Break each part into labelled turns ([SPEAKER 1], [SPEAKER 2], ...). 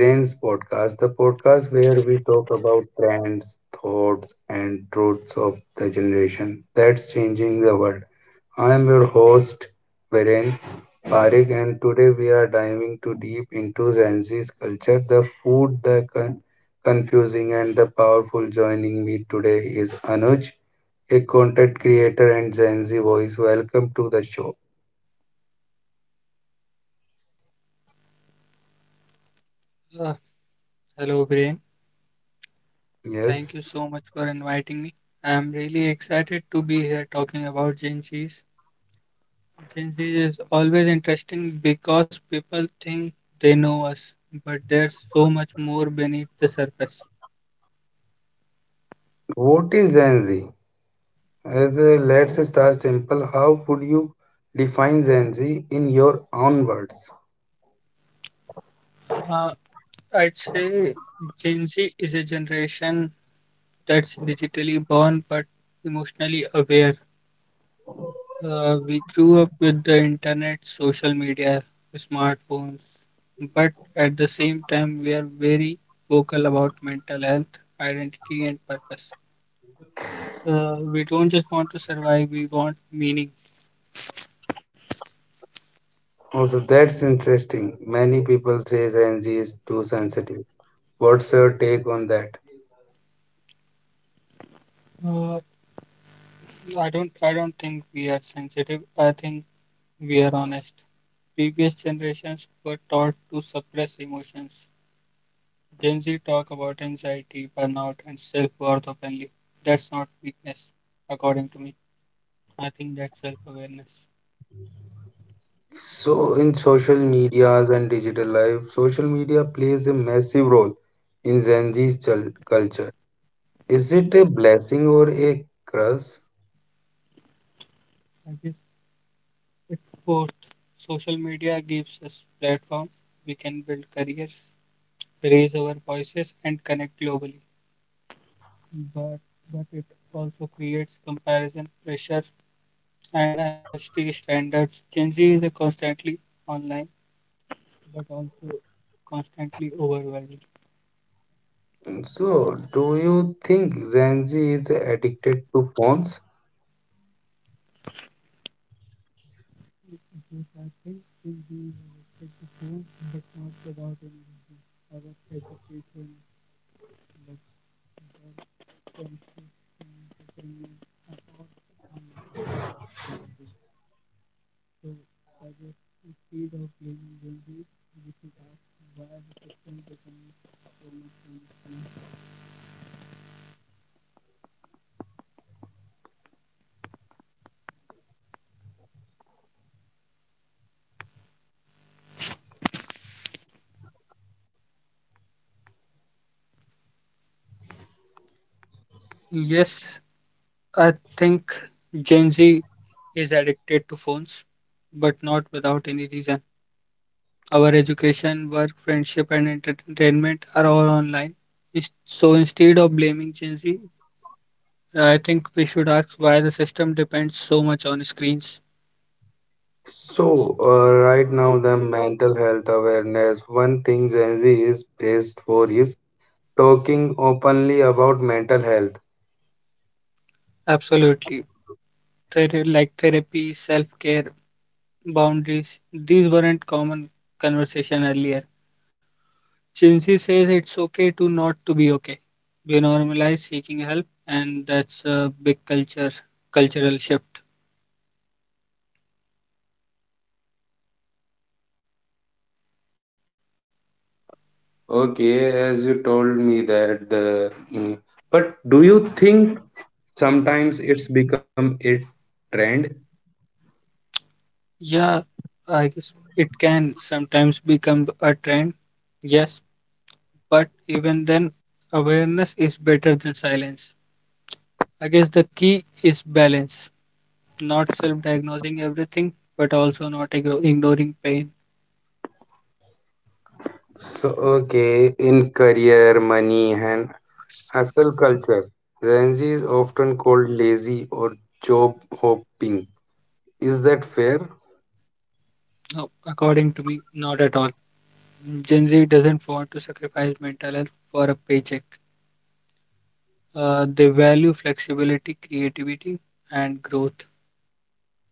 [SPEAKER 1] Viren's podcast, the podcast where we talk about trends, thoughts, and truths of the generation that's changing the world. I am your host, Viren Parekh, and today we are diving too deep into Gen Z's culture, the food, the confusing, and the powerful. Joining me today is Anuj, a content creator and Gen Z voice. Welcome to the show.
[SPEAKER 2] Uh, Hello, Brain. Thank you
[SPEAKER 1] Yes,
[SPEAKER 2] so much for inviting me. I'm really excited to be here talking about Gen Z's. Gen Z is always interesting because people think they know us, but there's so much more beneath the surface.
[SPEAKER 1] what is Gen Z? Let's start simple. How would you define Gen Z in your own words?
[SPEAKER 2] Uh, I'd say Gen Z is a generation that's digitally born but emotionally aware. We grew up with the internet, social media, smartphones, but at the same time, we are very vocal about mental health, identity, and purpose. We don't just want to survive; we want meaning.
[SPEAKER 1] Also, that's interesting. Many people say Gen Z is too sensitive. What's your take on that?
[SPEAKER 2] Uh, I don't think we are sensitive. I think we are honest. Previous generations were taught to suppress emotions. Gen Z talk about anxiety, burnout, and self-worth openly. That's not weakness, according to me. I think that's self awareness.
[SPEAKER 1] So, in social medias and digital life, social media plays a massive role in Gen Z's culture. Is it a blessing or a curse?
[SPEAKER 2] I guess it's both. Social media gives us platform. We can build careers, raise our voices, and connect globally. But but it also creates comparison pressure and unrealistic standards. Gen Z is a constantly online, but also constantly overwhelmed.
[SPEAKER 1] So, do you think Gen Z is addicted to phones?
[SPEAKER 2] Because I think Gen Z is addicted to phones, but not without any reason. Our education, like 20 entertainment afford online nowadays. So, as a instead of playing games, we should ask why the system becomes so much confusing. Yes, I think Gen Z is addicted to phones, but not without any reason. Our education, work, friendship, and entertainment are all online. So instead of blaming Gen Z, I think we should ask why the system depends so much on screens.
[SPEAKER 1] So, right now, the mental health awareness, one thing Gen Z is praised for is talking openly about mental health.
[SPEAKER 2] Absolutely. Like therapy, self care, boundaries, these weren't common conversation earlier. Chinsi says it's okay to not to be okay. We normalize seeking help, and that's a big culture cultural shift.
[SPEAKER 1] Okay, as you told me that the, but do you think sometimes it's become a trend?
[SPEAKER 2] Yeah, I guess it can sometimes become a trend. Yes, but even then, awareness is better than silence. I guess the key is balance, not self-diagnosing everything, but also not ignoring pain.
[SPEAKER 1] So, okay, in career, money, and hustle culture, Gen Z is often called lazy or job hopping. Is that fair?
[SPEAKER 2] No, according to me, not at all. Gen Z doesn't want to sacrifice mental health for a paycheck. They value flexibility, creativity, and growth.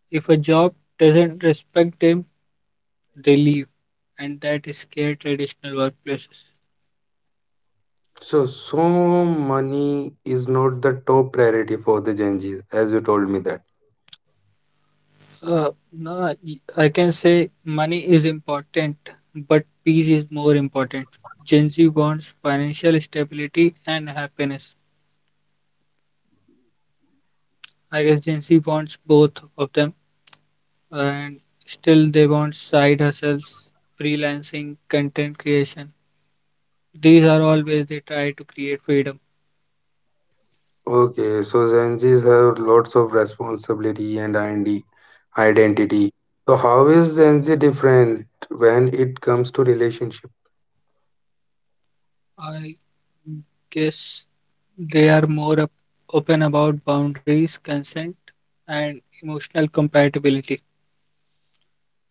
[SPEAKER 2] If a job doesn't respect them, they leave, and that is scare traditional workplaces.
[SPEAKER 1] So, money is not the top priority for the Gen Zs, as you told me that.
[SPEAKER 2] No, I can say money is important, but peace is more important. Gen Z wants financial stability and happiness. I guess Gen Z wants both of them and still they want side hustles, freelancing, content creation. These are all ways they try to create freedom.
[SPEAKER 1] Okay, so Gen Zs have lots of responsibility and ID identity. So, how is Gen Z different when it comes to relationship?
[SPEAKER 2] I guess they are more open about boundaries, consent, and emotional compatibility.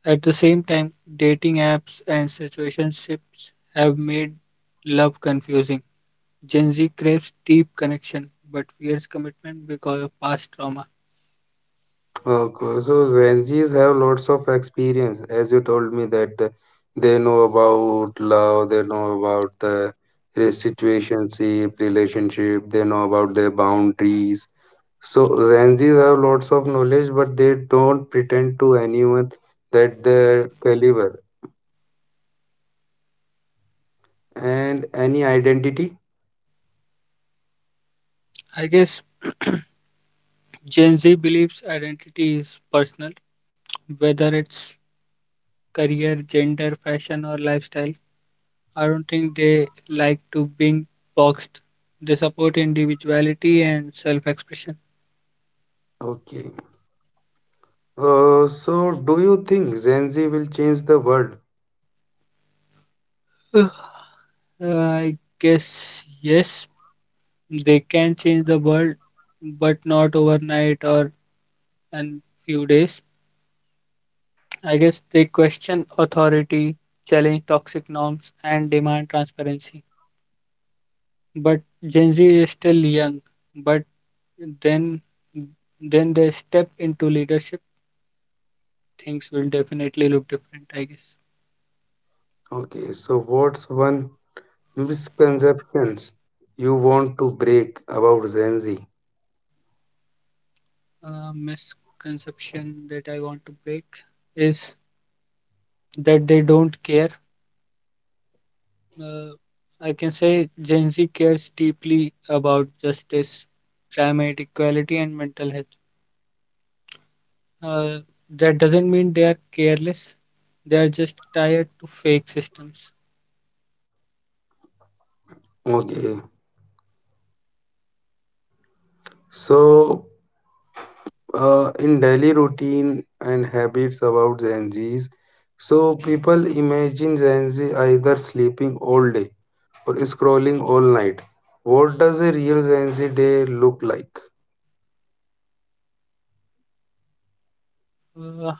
[SPEAKER 2] At the same time, dating apps and situationships have made love confusing. Gen Z craves deep connection but fears commitment because of past trauma.
[SPEAKER 1] Okay, so Gen Zs have lots of experience, as you told me that they know about love, they know about the situationship, relationship, they know about their boundaries. So Gen Zs have lots of knowledge, but they don't pretend to anyone that their caliber and any identity.
[SPEAKER 2] I guess Gen Z believes identity is personal, whether it's career, gender, fashion, or lifestyle. I don't think they like to being boxed. They support individuality and self expression.
[SPEAKER 1] Okay. So, do you think Gen Z will change the world?
[SPEAKER 2] I guess yes, they can change the world, but not overnight or in few days. I guess they question authority, challenge toxic norms, and demand transparency. But Gen Z is still young, but then then they step into leadership, things will definitely look different, I guess.
[SPEAKER 1] Okay. So what's one misconceptions you want to break about Gen Z?
[SPEAKER 2] A misconception that I want to break is that they don't care. Uh, I can say Gen Z cares deeply about justice, climate equality, and mental health. Uh, that doesn't mean they are careless, they are just tired to fake systems.
[SPEAKER 1] Okay. So in daily routine and habits about Gen Zs. So people imagine Gen Z either sleeping all day or scrolling all night. What does a real Gen Z day look like?
[SPEAKER 2] Uh,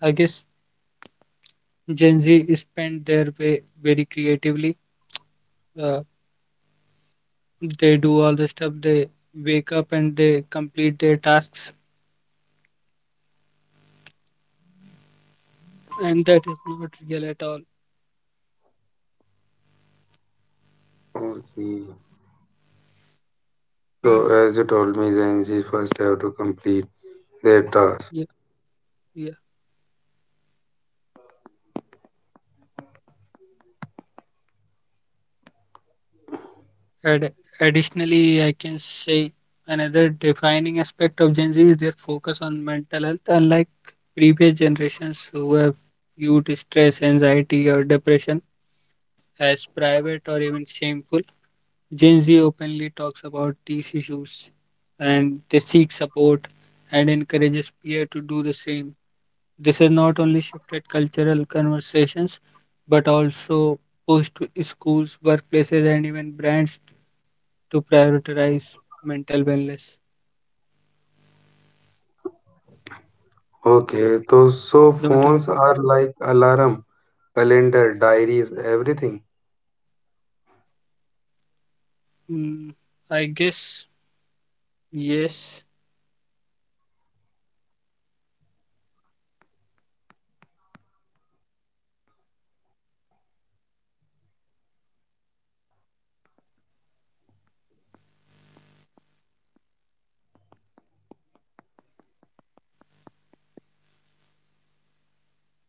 [SPEAKER 2] I guess Gen Z spend their way very creatively. Uh, they do all the stuff, they wake up and they complete their tasks, and that is not real at all.
[SPEAKER 1] Okay. So as you told me, Gen Z first have to complete their task.
[SPEAKER 2] Yeah, yeah. Add, Additionally, I can say another defining aspect of Gen Z is their focus on mental health, unlike previous generations who have viewed stress, anxiety, or depression as private or even shameful. Gen Z openly talks about these issues and they seek support and encourages peer to do the same. This has not only shifted cultural conversations, but also pushed schools, workplaces, and even brands to prioritize mental wellness.
[SPEAKER 1] Okay. So,
[SPEAKER 2] Don't you think?
[SPEAKER 1] phones are like alarm, calendar, diaries, everything.
[SPEAKER 2] Mm, I guess yes.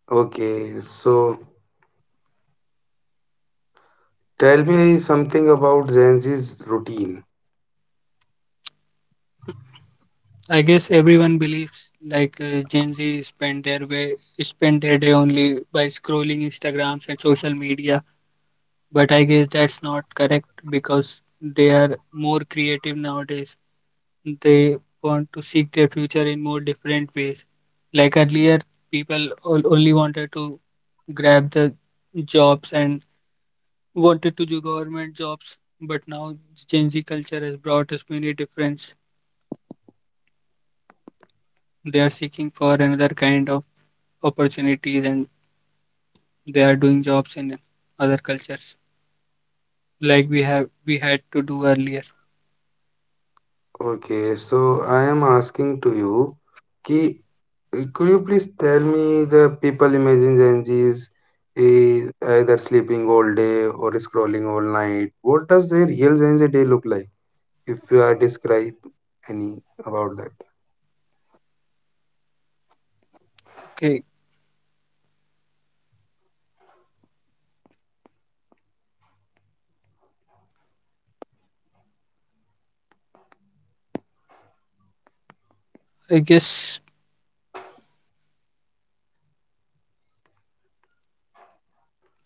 [SPEAKER 1] Okay. So tell me something about Gen Z's routine.
[SPEAKER 2] I guess everyone believes like Gen Z spend their way spend their day only by scrolling Instagrams and social media, but I guess that's not correct because they are more creative nowadays. They want to seek their future in more different ways. Like earlier, people only wanted to grab the jobs and wanted to do government jobs, but now Gen Z culture has brought us many difference. They are seeking for another kind of opportunities and they are doing jobs in other cultures like we had to do earlier.
[SPEAKER 1] Okay, so I am asking to you, ki, could you please tell me the people imagine Gen Zs is either sleeping all day or scrolling all night? What does their real Gen Z day look like? If you are describe any about that.
[SPEAKER 2] Okay, I guess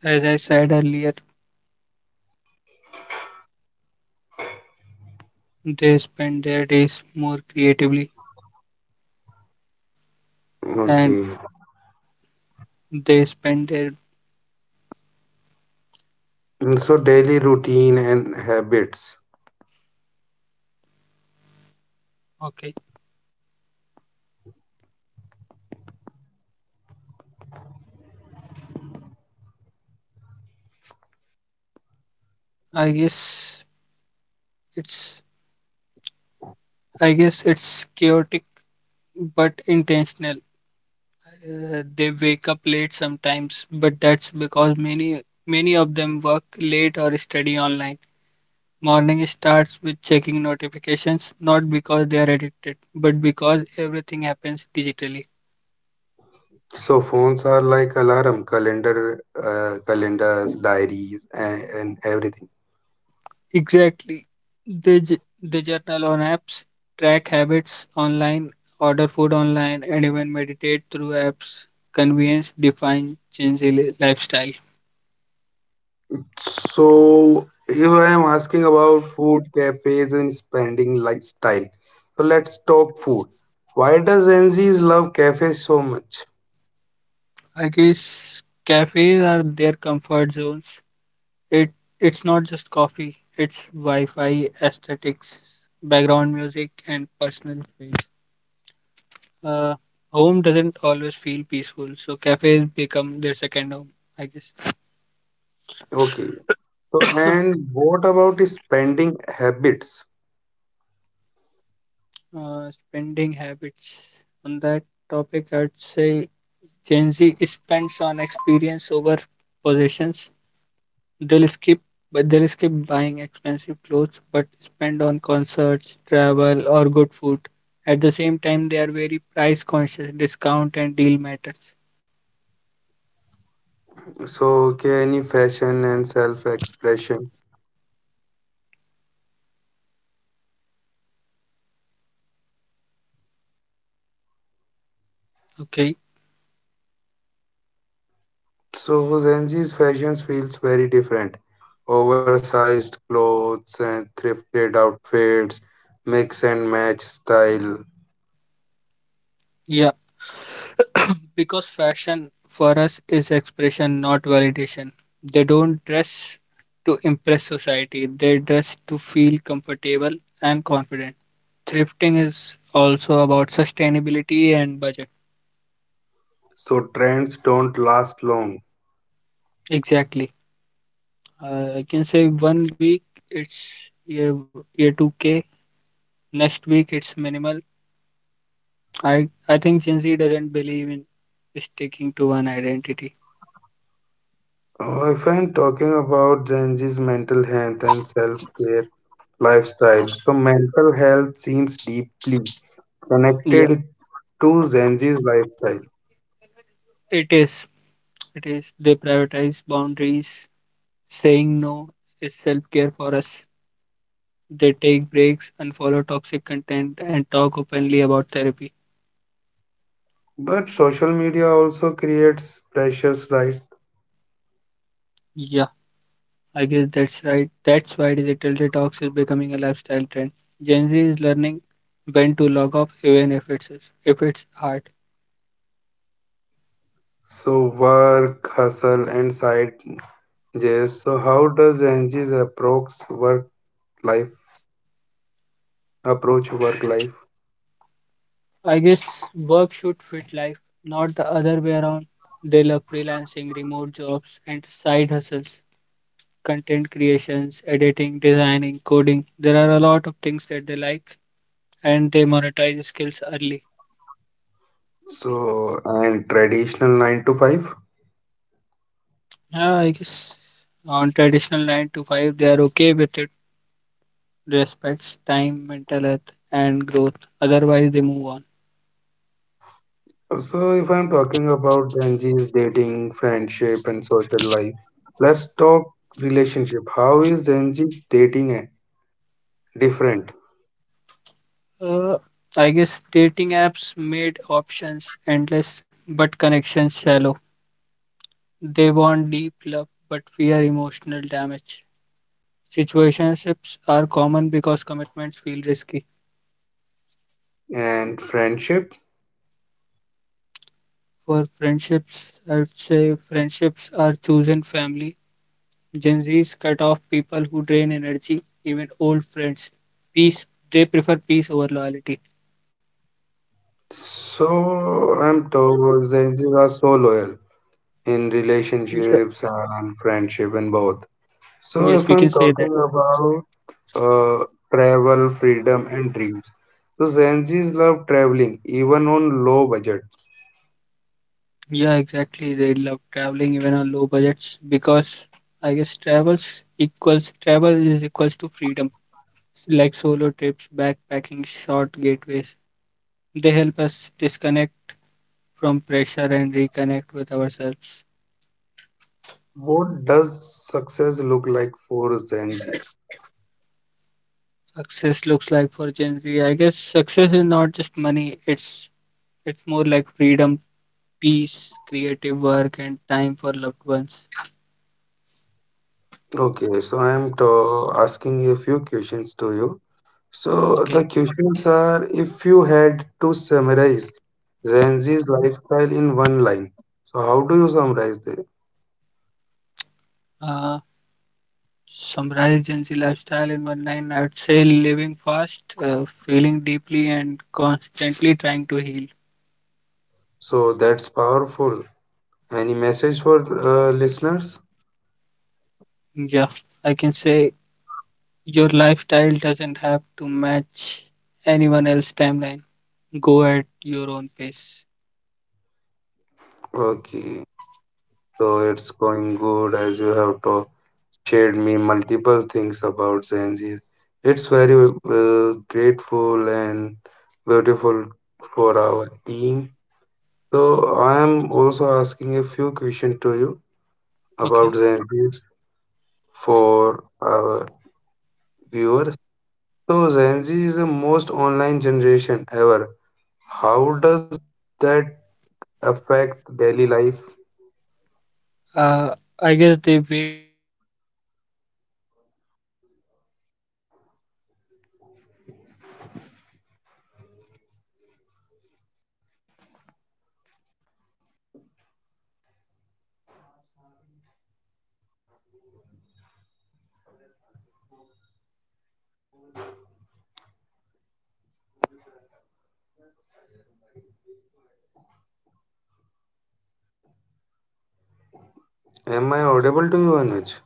[SPEAKER 2] as I said earlier, they spend their days more creatively and
[SPEAKER 1] Okay.
[SPEAKER 2] they spend their.
[SPEAKER 1] So daily routine and habits.
[SPEAKER 2] Okay. I guess it's I guess it's chaotic but intentional. They wake up late sometimes, but that's because many of them work late or study online. Morning starts with checking notifications, not because they are addicted, but because everything happens digitally.
[SPEAKER 1] So phones are like alarm, calendar, calendars, diaries, and everything.
[SPEAKER 2] Exactly. The journal on apps, track habits online, order food online, and even meditate through apps. Convenience defines changing lifestyle.
[SPEAKER 1] So if I am asking about food cafes and spending lifestyle. So let's talk food. Why does NZs love cafes so much?
[SPEAKER 2] I guess cafes are their comfort zones. It it's not just coffee. It's Wi-Fi, aesthetics, background music, and personal space. Uh, Home doesn't always feel peaceful, so cafes become their second home, I guess.
[SPEAKER 1] Okay. So and what about spending habits?
[SPEAKER 2] Spending habits on that topic, I'd say Gen Z spends on experience over possessions. They'll skip but they'll skip buying expensive clothes but spend on concerts, travel, or good food. At the same time, they are very price conscious, discount and deal matters.
[SPEAKER 1] So okay, any fashion and self-expression.
[SPEAKER 2] Okay.
[SPEAKER 1] So NZ's fashion feels very different. Oversized clothes and thrifted outfits, mix and match style.
[SPEAKER 2] Yeah. Because fashion for us is expression, not validation. They don't dress to impress society, they dress to feel comfortable and confident. Thrifting is also about sustainability and budget.
[SPEAKER 1] So trends don't last long.
[SPEAKER 2] Exactly. I can say one week it's year 2K, next week it's minimal. I think Gen Z doesn't believe in sticking to one identity.
[SPEAKER 1] If I'm talking about Gen Z's mental health and self care lifestyle, so mental health seems deeply
[SPEAKER 2] Yeah,
[SPEAKER 1] connected to Gen Z's lifestyle.
[SPEAKER 2] it is. It is. They prioritize boundaries. Saying no is self care for us. They take breaks, unfollow toxic content, and talk openly about therapy.
[SPEAKER 1] But social media also creates pressures, right?
[SPEAKER 2] Yeah, I guess that's right. That's why digital detox is becoming a lifestyle trend. Gen Z is learning when to log off, even if it's hard.
[SPEAKER 1] So, work, hustle, and side jobs. So, how does Gen Z's approach work life? Approach work life.
[SPEAKER 2] I guess work should fit life, not the other way around. They love freelancing, remote jobs, and side hustles, content creations, editing, designing, coding. There are a lot of things that they like and they monetize skills early.
[SPEAKER 1] So, and traditional nine to five.
[SPEAKER 2] Yeah, I guess on traditional nine to five they are okay with it. Respects time, mental health, and growth. Otherwise, they move on.
[SPEAKER 1] So, if I'm talking about Gen Z's dating, friendship, and social life, let's talk relationship. How is Gen Z's dating different
[SPEAKER 2] Uh, I guess dating apps made options endless, but connections shallow. They want deep love, but fear emotional damage. Situationships are common because commitments feel risky.
[SPEAKER 1] and friendship?
[SPEAKER 2] For friendships, I'd say friendships are chosen family. Gen Zs cut off people who drain energy, even old friends. Peace, they prefer peace over loyalty.
[SPEAKER 1] So, I'm told Gen Z's are so loyal in
[SPEAKER 2] Sure.
[SPEAKER 1] relationships and friendship and both. So,
[SPEAKER 2] Yes,
[SPEAKER 1] if
[SPEAKER 2] we
[SPEAKER 1] I'm
[SPEAKER 2] can say that.
[SPEAKER 1] talking about uh, travel, freedom, and dreams, so Gen Z's love traveling even on low budgets.
[SPEAKER 2] Yeah, exactly. They love traveling even on low budgets because I guess travel is equals to freedom. Like solo trips, backpacking, short gateways. They help us disconnect from pressure and reconnect with ourselves.
[SPEAKER 1] What does success look like for Gen Z?
[SPEAKER 2] Success looks like for Gen Z. I guess success is not just money, it's more like freedom, peace, creative work, and time for loved ones.
[SPEAKER 1] Okay, so I'm to asking a few questions to you. So
[SPEAKER 2] Okay.
[SPEAKER 1] the questions are, if you had to summarize Gen Z's lifestyle in one line, so how do you summarize it?
[SPEAKER 2] Uh, Summarize Gen Z lifestyle in one line. I would say living fast, feeling deeply, and constantly trying to heal.
[SPEAKER 1] So that's powerful. Any message for listeners?
[SPEAKER 2] Yeah, I can say your lifestyle doesn't have to match anyone else's timeline. Go at your own pace.
[SPEAKER 1] Okay, so it's going good as you have to shared me multiple things about Gen Z. It's very grateful and beautiful for our team. So I am also asking a few questions to you about
[SPEAKER 2] Okay.
[SPEAKER 1] Gen Zs for our viewers. So Gen Z is the most online generation ever. How does that affect daily life?
[SPEAKER 2] Uh, I guess they wake up with notifications and sleep with anxiety. That's why they are informed, aware, and connected, but also mentally exhausted. अरे यार hotspot दो जल्दी से बीस minute की मेहनत खराब हो गई।
[SPEAKER 1] Am I audible to you, Anuj?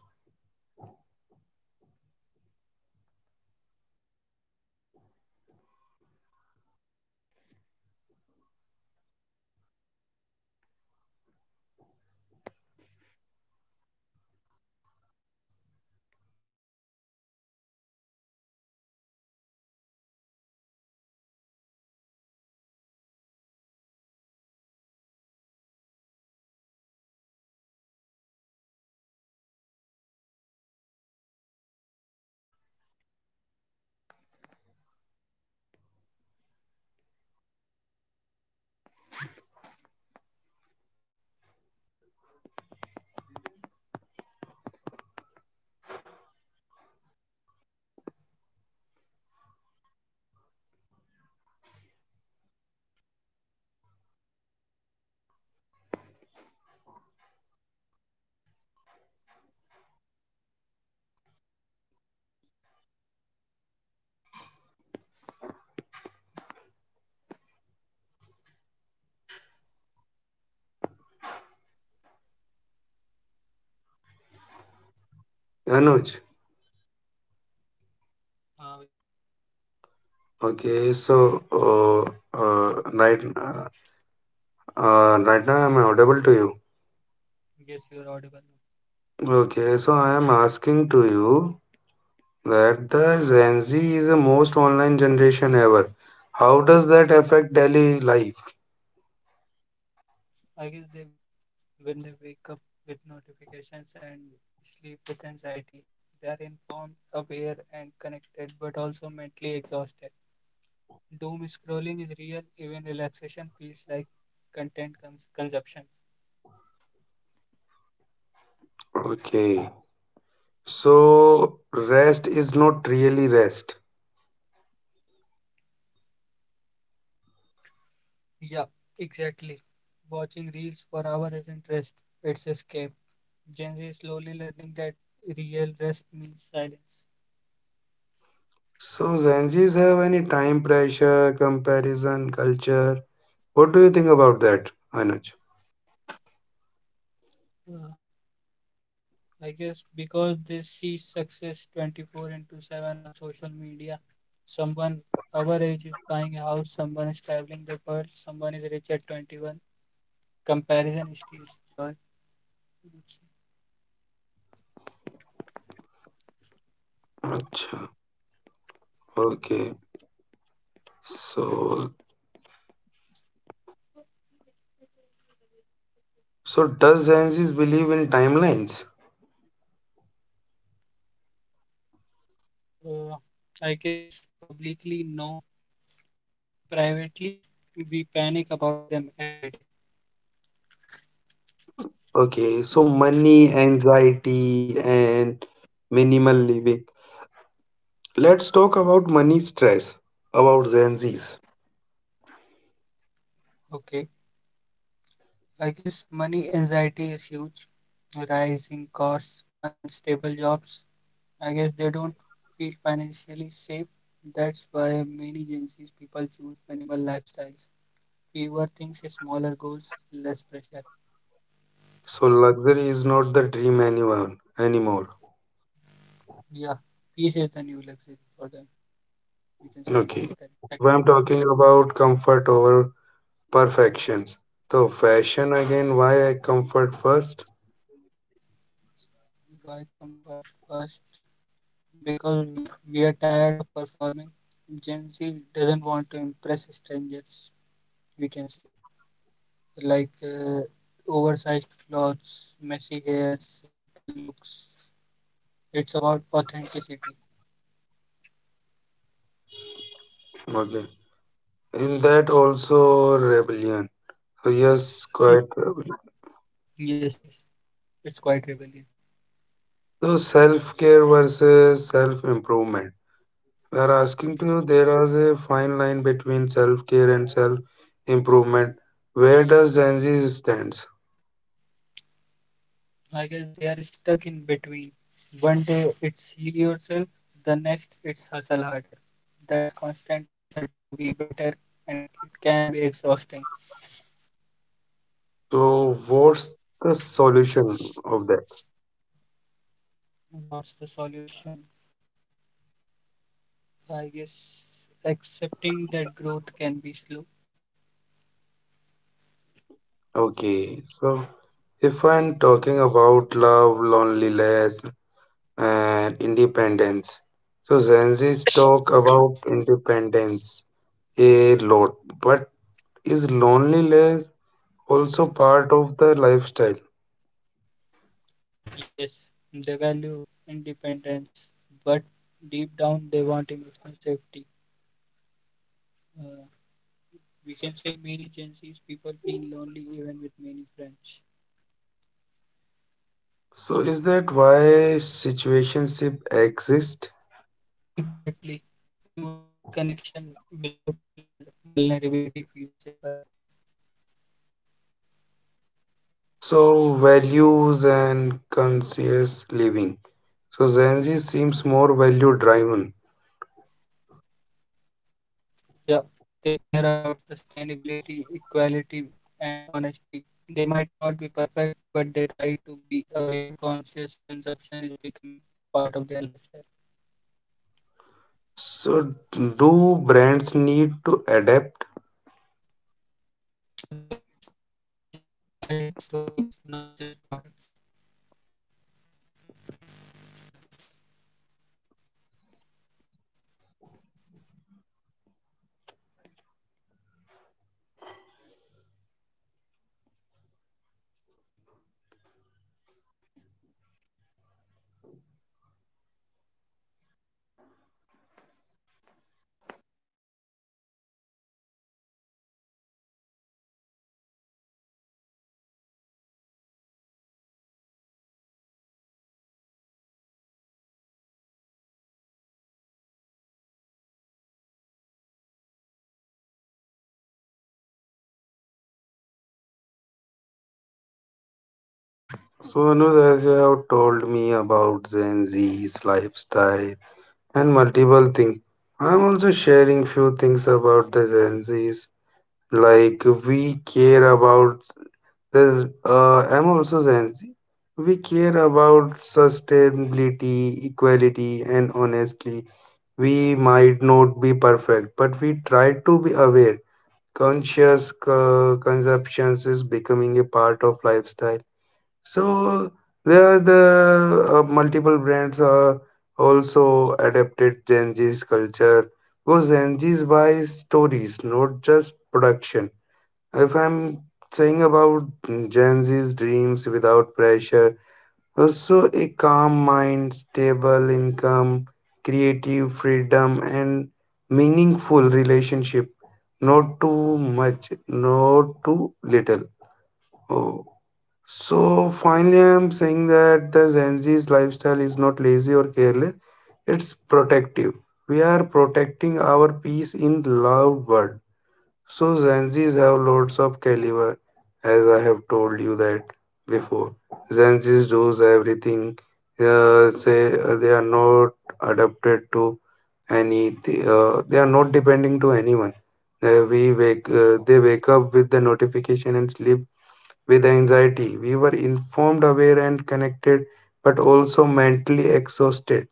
[SPEAKER 1] Anuj, am I audible to you? Anuj.
[SPEAKER 2] Uh,
[SPEAKER 1] Okay, so uh, uh, right, uh, right now am I am audible to you?
[SPEAKER 2] yes, you're audible now.
[SPEAKER 1] Okay, so I am asking to you, that the Gen Z is the most online generation ever. How does that affect daily life?
[SPEAKER 2] I guess when they wake up with notifications and sleep with anxiety, they are informed, aware, and connected, but also mentally exhausted. Doom scrolling is real, even relaxation feels like content consumption.
[SPEAKER 1] Okay, so rest is not really rest.
[SPEAKER 2] Yeah, exactly. Watching reels for hours isn't rest, it's escape. Gen Z is slowly learning that real rest means silence.
[SPEAKER 1] So Gen Zs have any time pressure, comparison, culture. What do you think about that, Anuj?
[SPEAKER 2] Uh, I guess because they see success 24 into 7 on social media. Someone our age is buying a house, someone is traveling the world, someone is rich at 21. Comparison steals joy, I would say.
[SPEAKER 1] Acha, okay. So, so, does Gen Zs believe in timelines?
[SPEAKER 2] Uh, I guess publicly, no. Privately, we panic about them every day.
[SPEAKER 1] Okay, so money, anxiety, and minimal living. Let's talk about money stress, about Gen Zs.
[SPEAKER 2] Okay. I guess money anxiety is huge. Rising costs, unstable jobs, I guess they don't feel financially safe. That's why many Gen Z's people choose minimal lifestyles. Fewer things, smaller goals, less pressure.
[SPEAKER 1] So, luxury is not the dream anyone anymore.
[SPEAKER 2] Yeah, peace is the new luxury for them. We can say on
[SPEAKER 1] Okay.
[SPEAKER 2] the second.
[SPEAKER 1] If I'm
[SPEAKER 2] Second,
[SPEAKER 1] talking about comfort over perfections, so fashion again, why I comfort first?
[SPEAKER 2] why comfort first? Because we are tired of performing. Gen Z doesn't want to impress strangers. We can say like oversized clothes, messy hair, simple looks. It's about authenticity.
[SPEAKER 1] Okay. In that also rebellion. So, yes, quite rebellion.
[SPEAKER 2] Yes, yes, it's quite rebellion.
[SPEAKER 1] So, self care versus self improvement. We are asking to you, there is a fine line between self care and self improvement. Where does Gen Z stand?
[SPEAKER 2] I guess they are stuck in between. One day it's heal yourself, the next it's hustle harder. That's constant pressure to be better and it can be exhausting.
[SPEAKER 1] So, what's the solution of that?
[SPEAKER 2] What's the solution? I guess accepting that growth can be slow.
[SPEAKER 1] Okay, so if I'm talking about love, loneliness, and independence, so Gen Z's talk about independence a lot, but is loneliness also part of the lifestyle?
[SPEAKER 2] Yes, they value independence, but deep down they want emotional safety. Uh, we can say many Gen Z's people feel lonely even with many friends.
[SPEAKER 1] So, is that why situationship exist?
[SPEAKER 2] Exactly. Emotional connection without vulnerability feels safer.
[SPEAKER 1] So, values and conscious living. So, Gen Z seems more value driven.
[SPEAKER 2] Yeah, they care about sustainability, equality, and honesty. They might not be perfect, but they try to be aware, conscious consumption is becoming part of their lifestyle.
[SPEAKER 1] So, do brands need to adapt?
[SPEAKER 2] Absolutely. Gen Z buys stories, not just products.
[SPEAKER 1] So, Anuj, as you have told me about Gen Z's lifestyle and multiple things, I'm also sharing few things about the Gen Z's. Like we care about the. I'm also Gen Z. We care about sustainability, equality, and honestly, we might not be perfect, but we try to be aware conscious consumptions is becoming a part of lifestyle. So there are the multiple brands are also adapted Gen Z's culture because Gen Z's buys stories, not just production. If I'm saying about Gen Z's dreams without pressure also, a calm mind, stable income, creative freedom, and meaningful relationship. Not too much, not too little. Oh. So, finally, I'm saying that the Gen Z's lifestyle is not lazy or careless, it's protective. We are protecting our peace in loud world. So Gen Zs have loads of caliber, as I have told you that before. Gen Zs does everything. Say they are not adapted to any. They are not depending to anyone. We wake. They wake up with the notification and sleep with anxiety. We were informed, aware, and connected, but also mentally exhausted.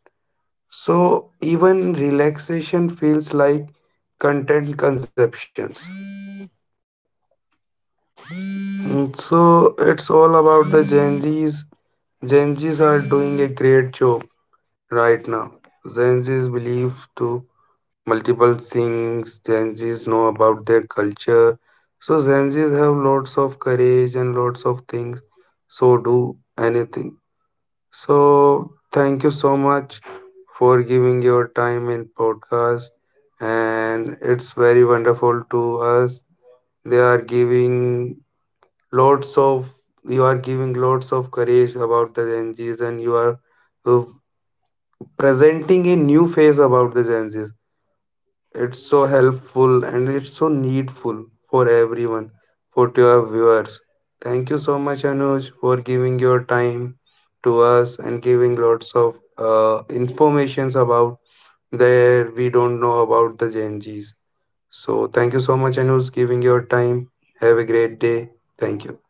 [SPEAKER 1] So even relaxation feels like content conceptions. So it's all about the Gen Zs. Gen Zs are doing a great job right now. Gen Zs believe to multiple things. Gen Zs know about their culture. So Gen Zs have lots of courage and lots of things. So do anything. So thank you so much for giving your time in podcast. And it's very wonderful to us. They are giving lots of You are giving lots of courage about the Gen Zs and you are uh, presenting a new face about the Gen Zs. It's so helpful and it's so needful for everyone, for your viewers. Thank you so much, Anuj, for giving your time to us and giving lots of informations about that we don't know about the Gen Zs. So thank you so much, Anuj, giving your time. Have a great day. Thank you.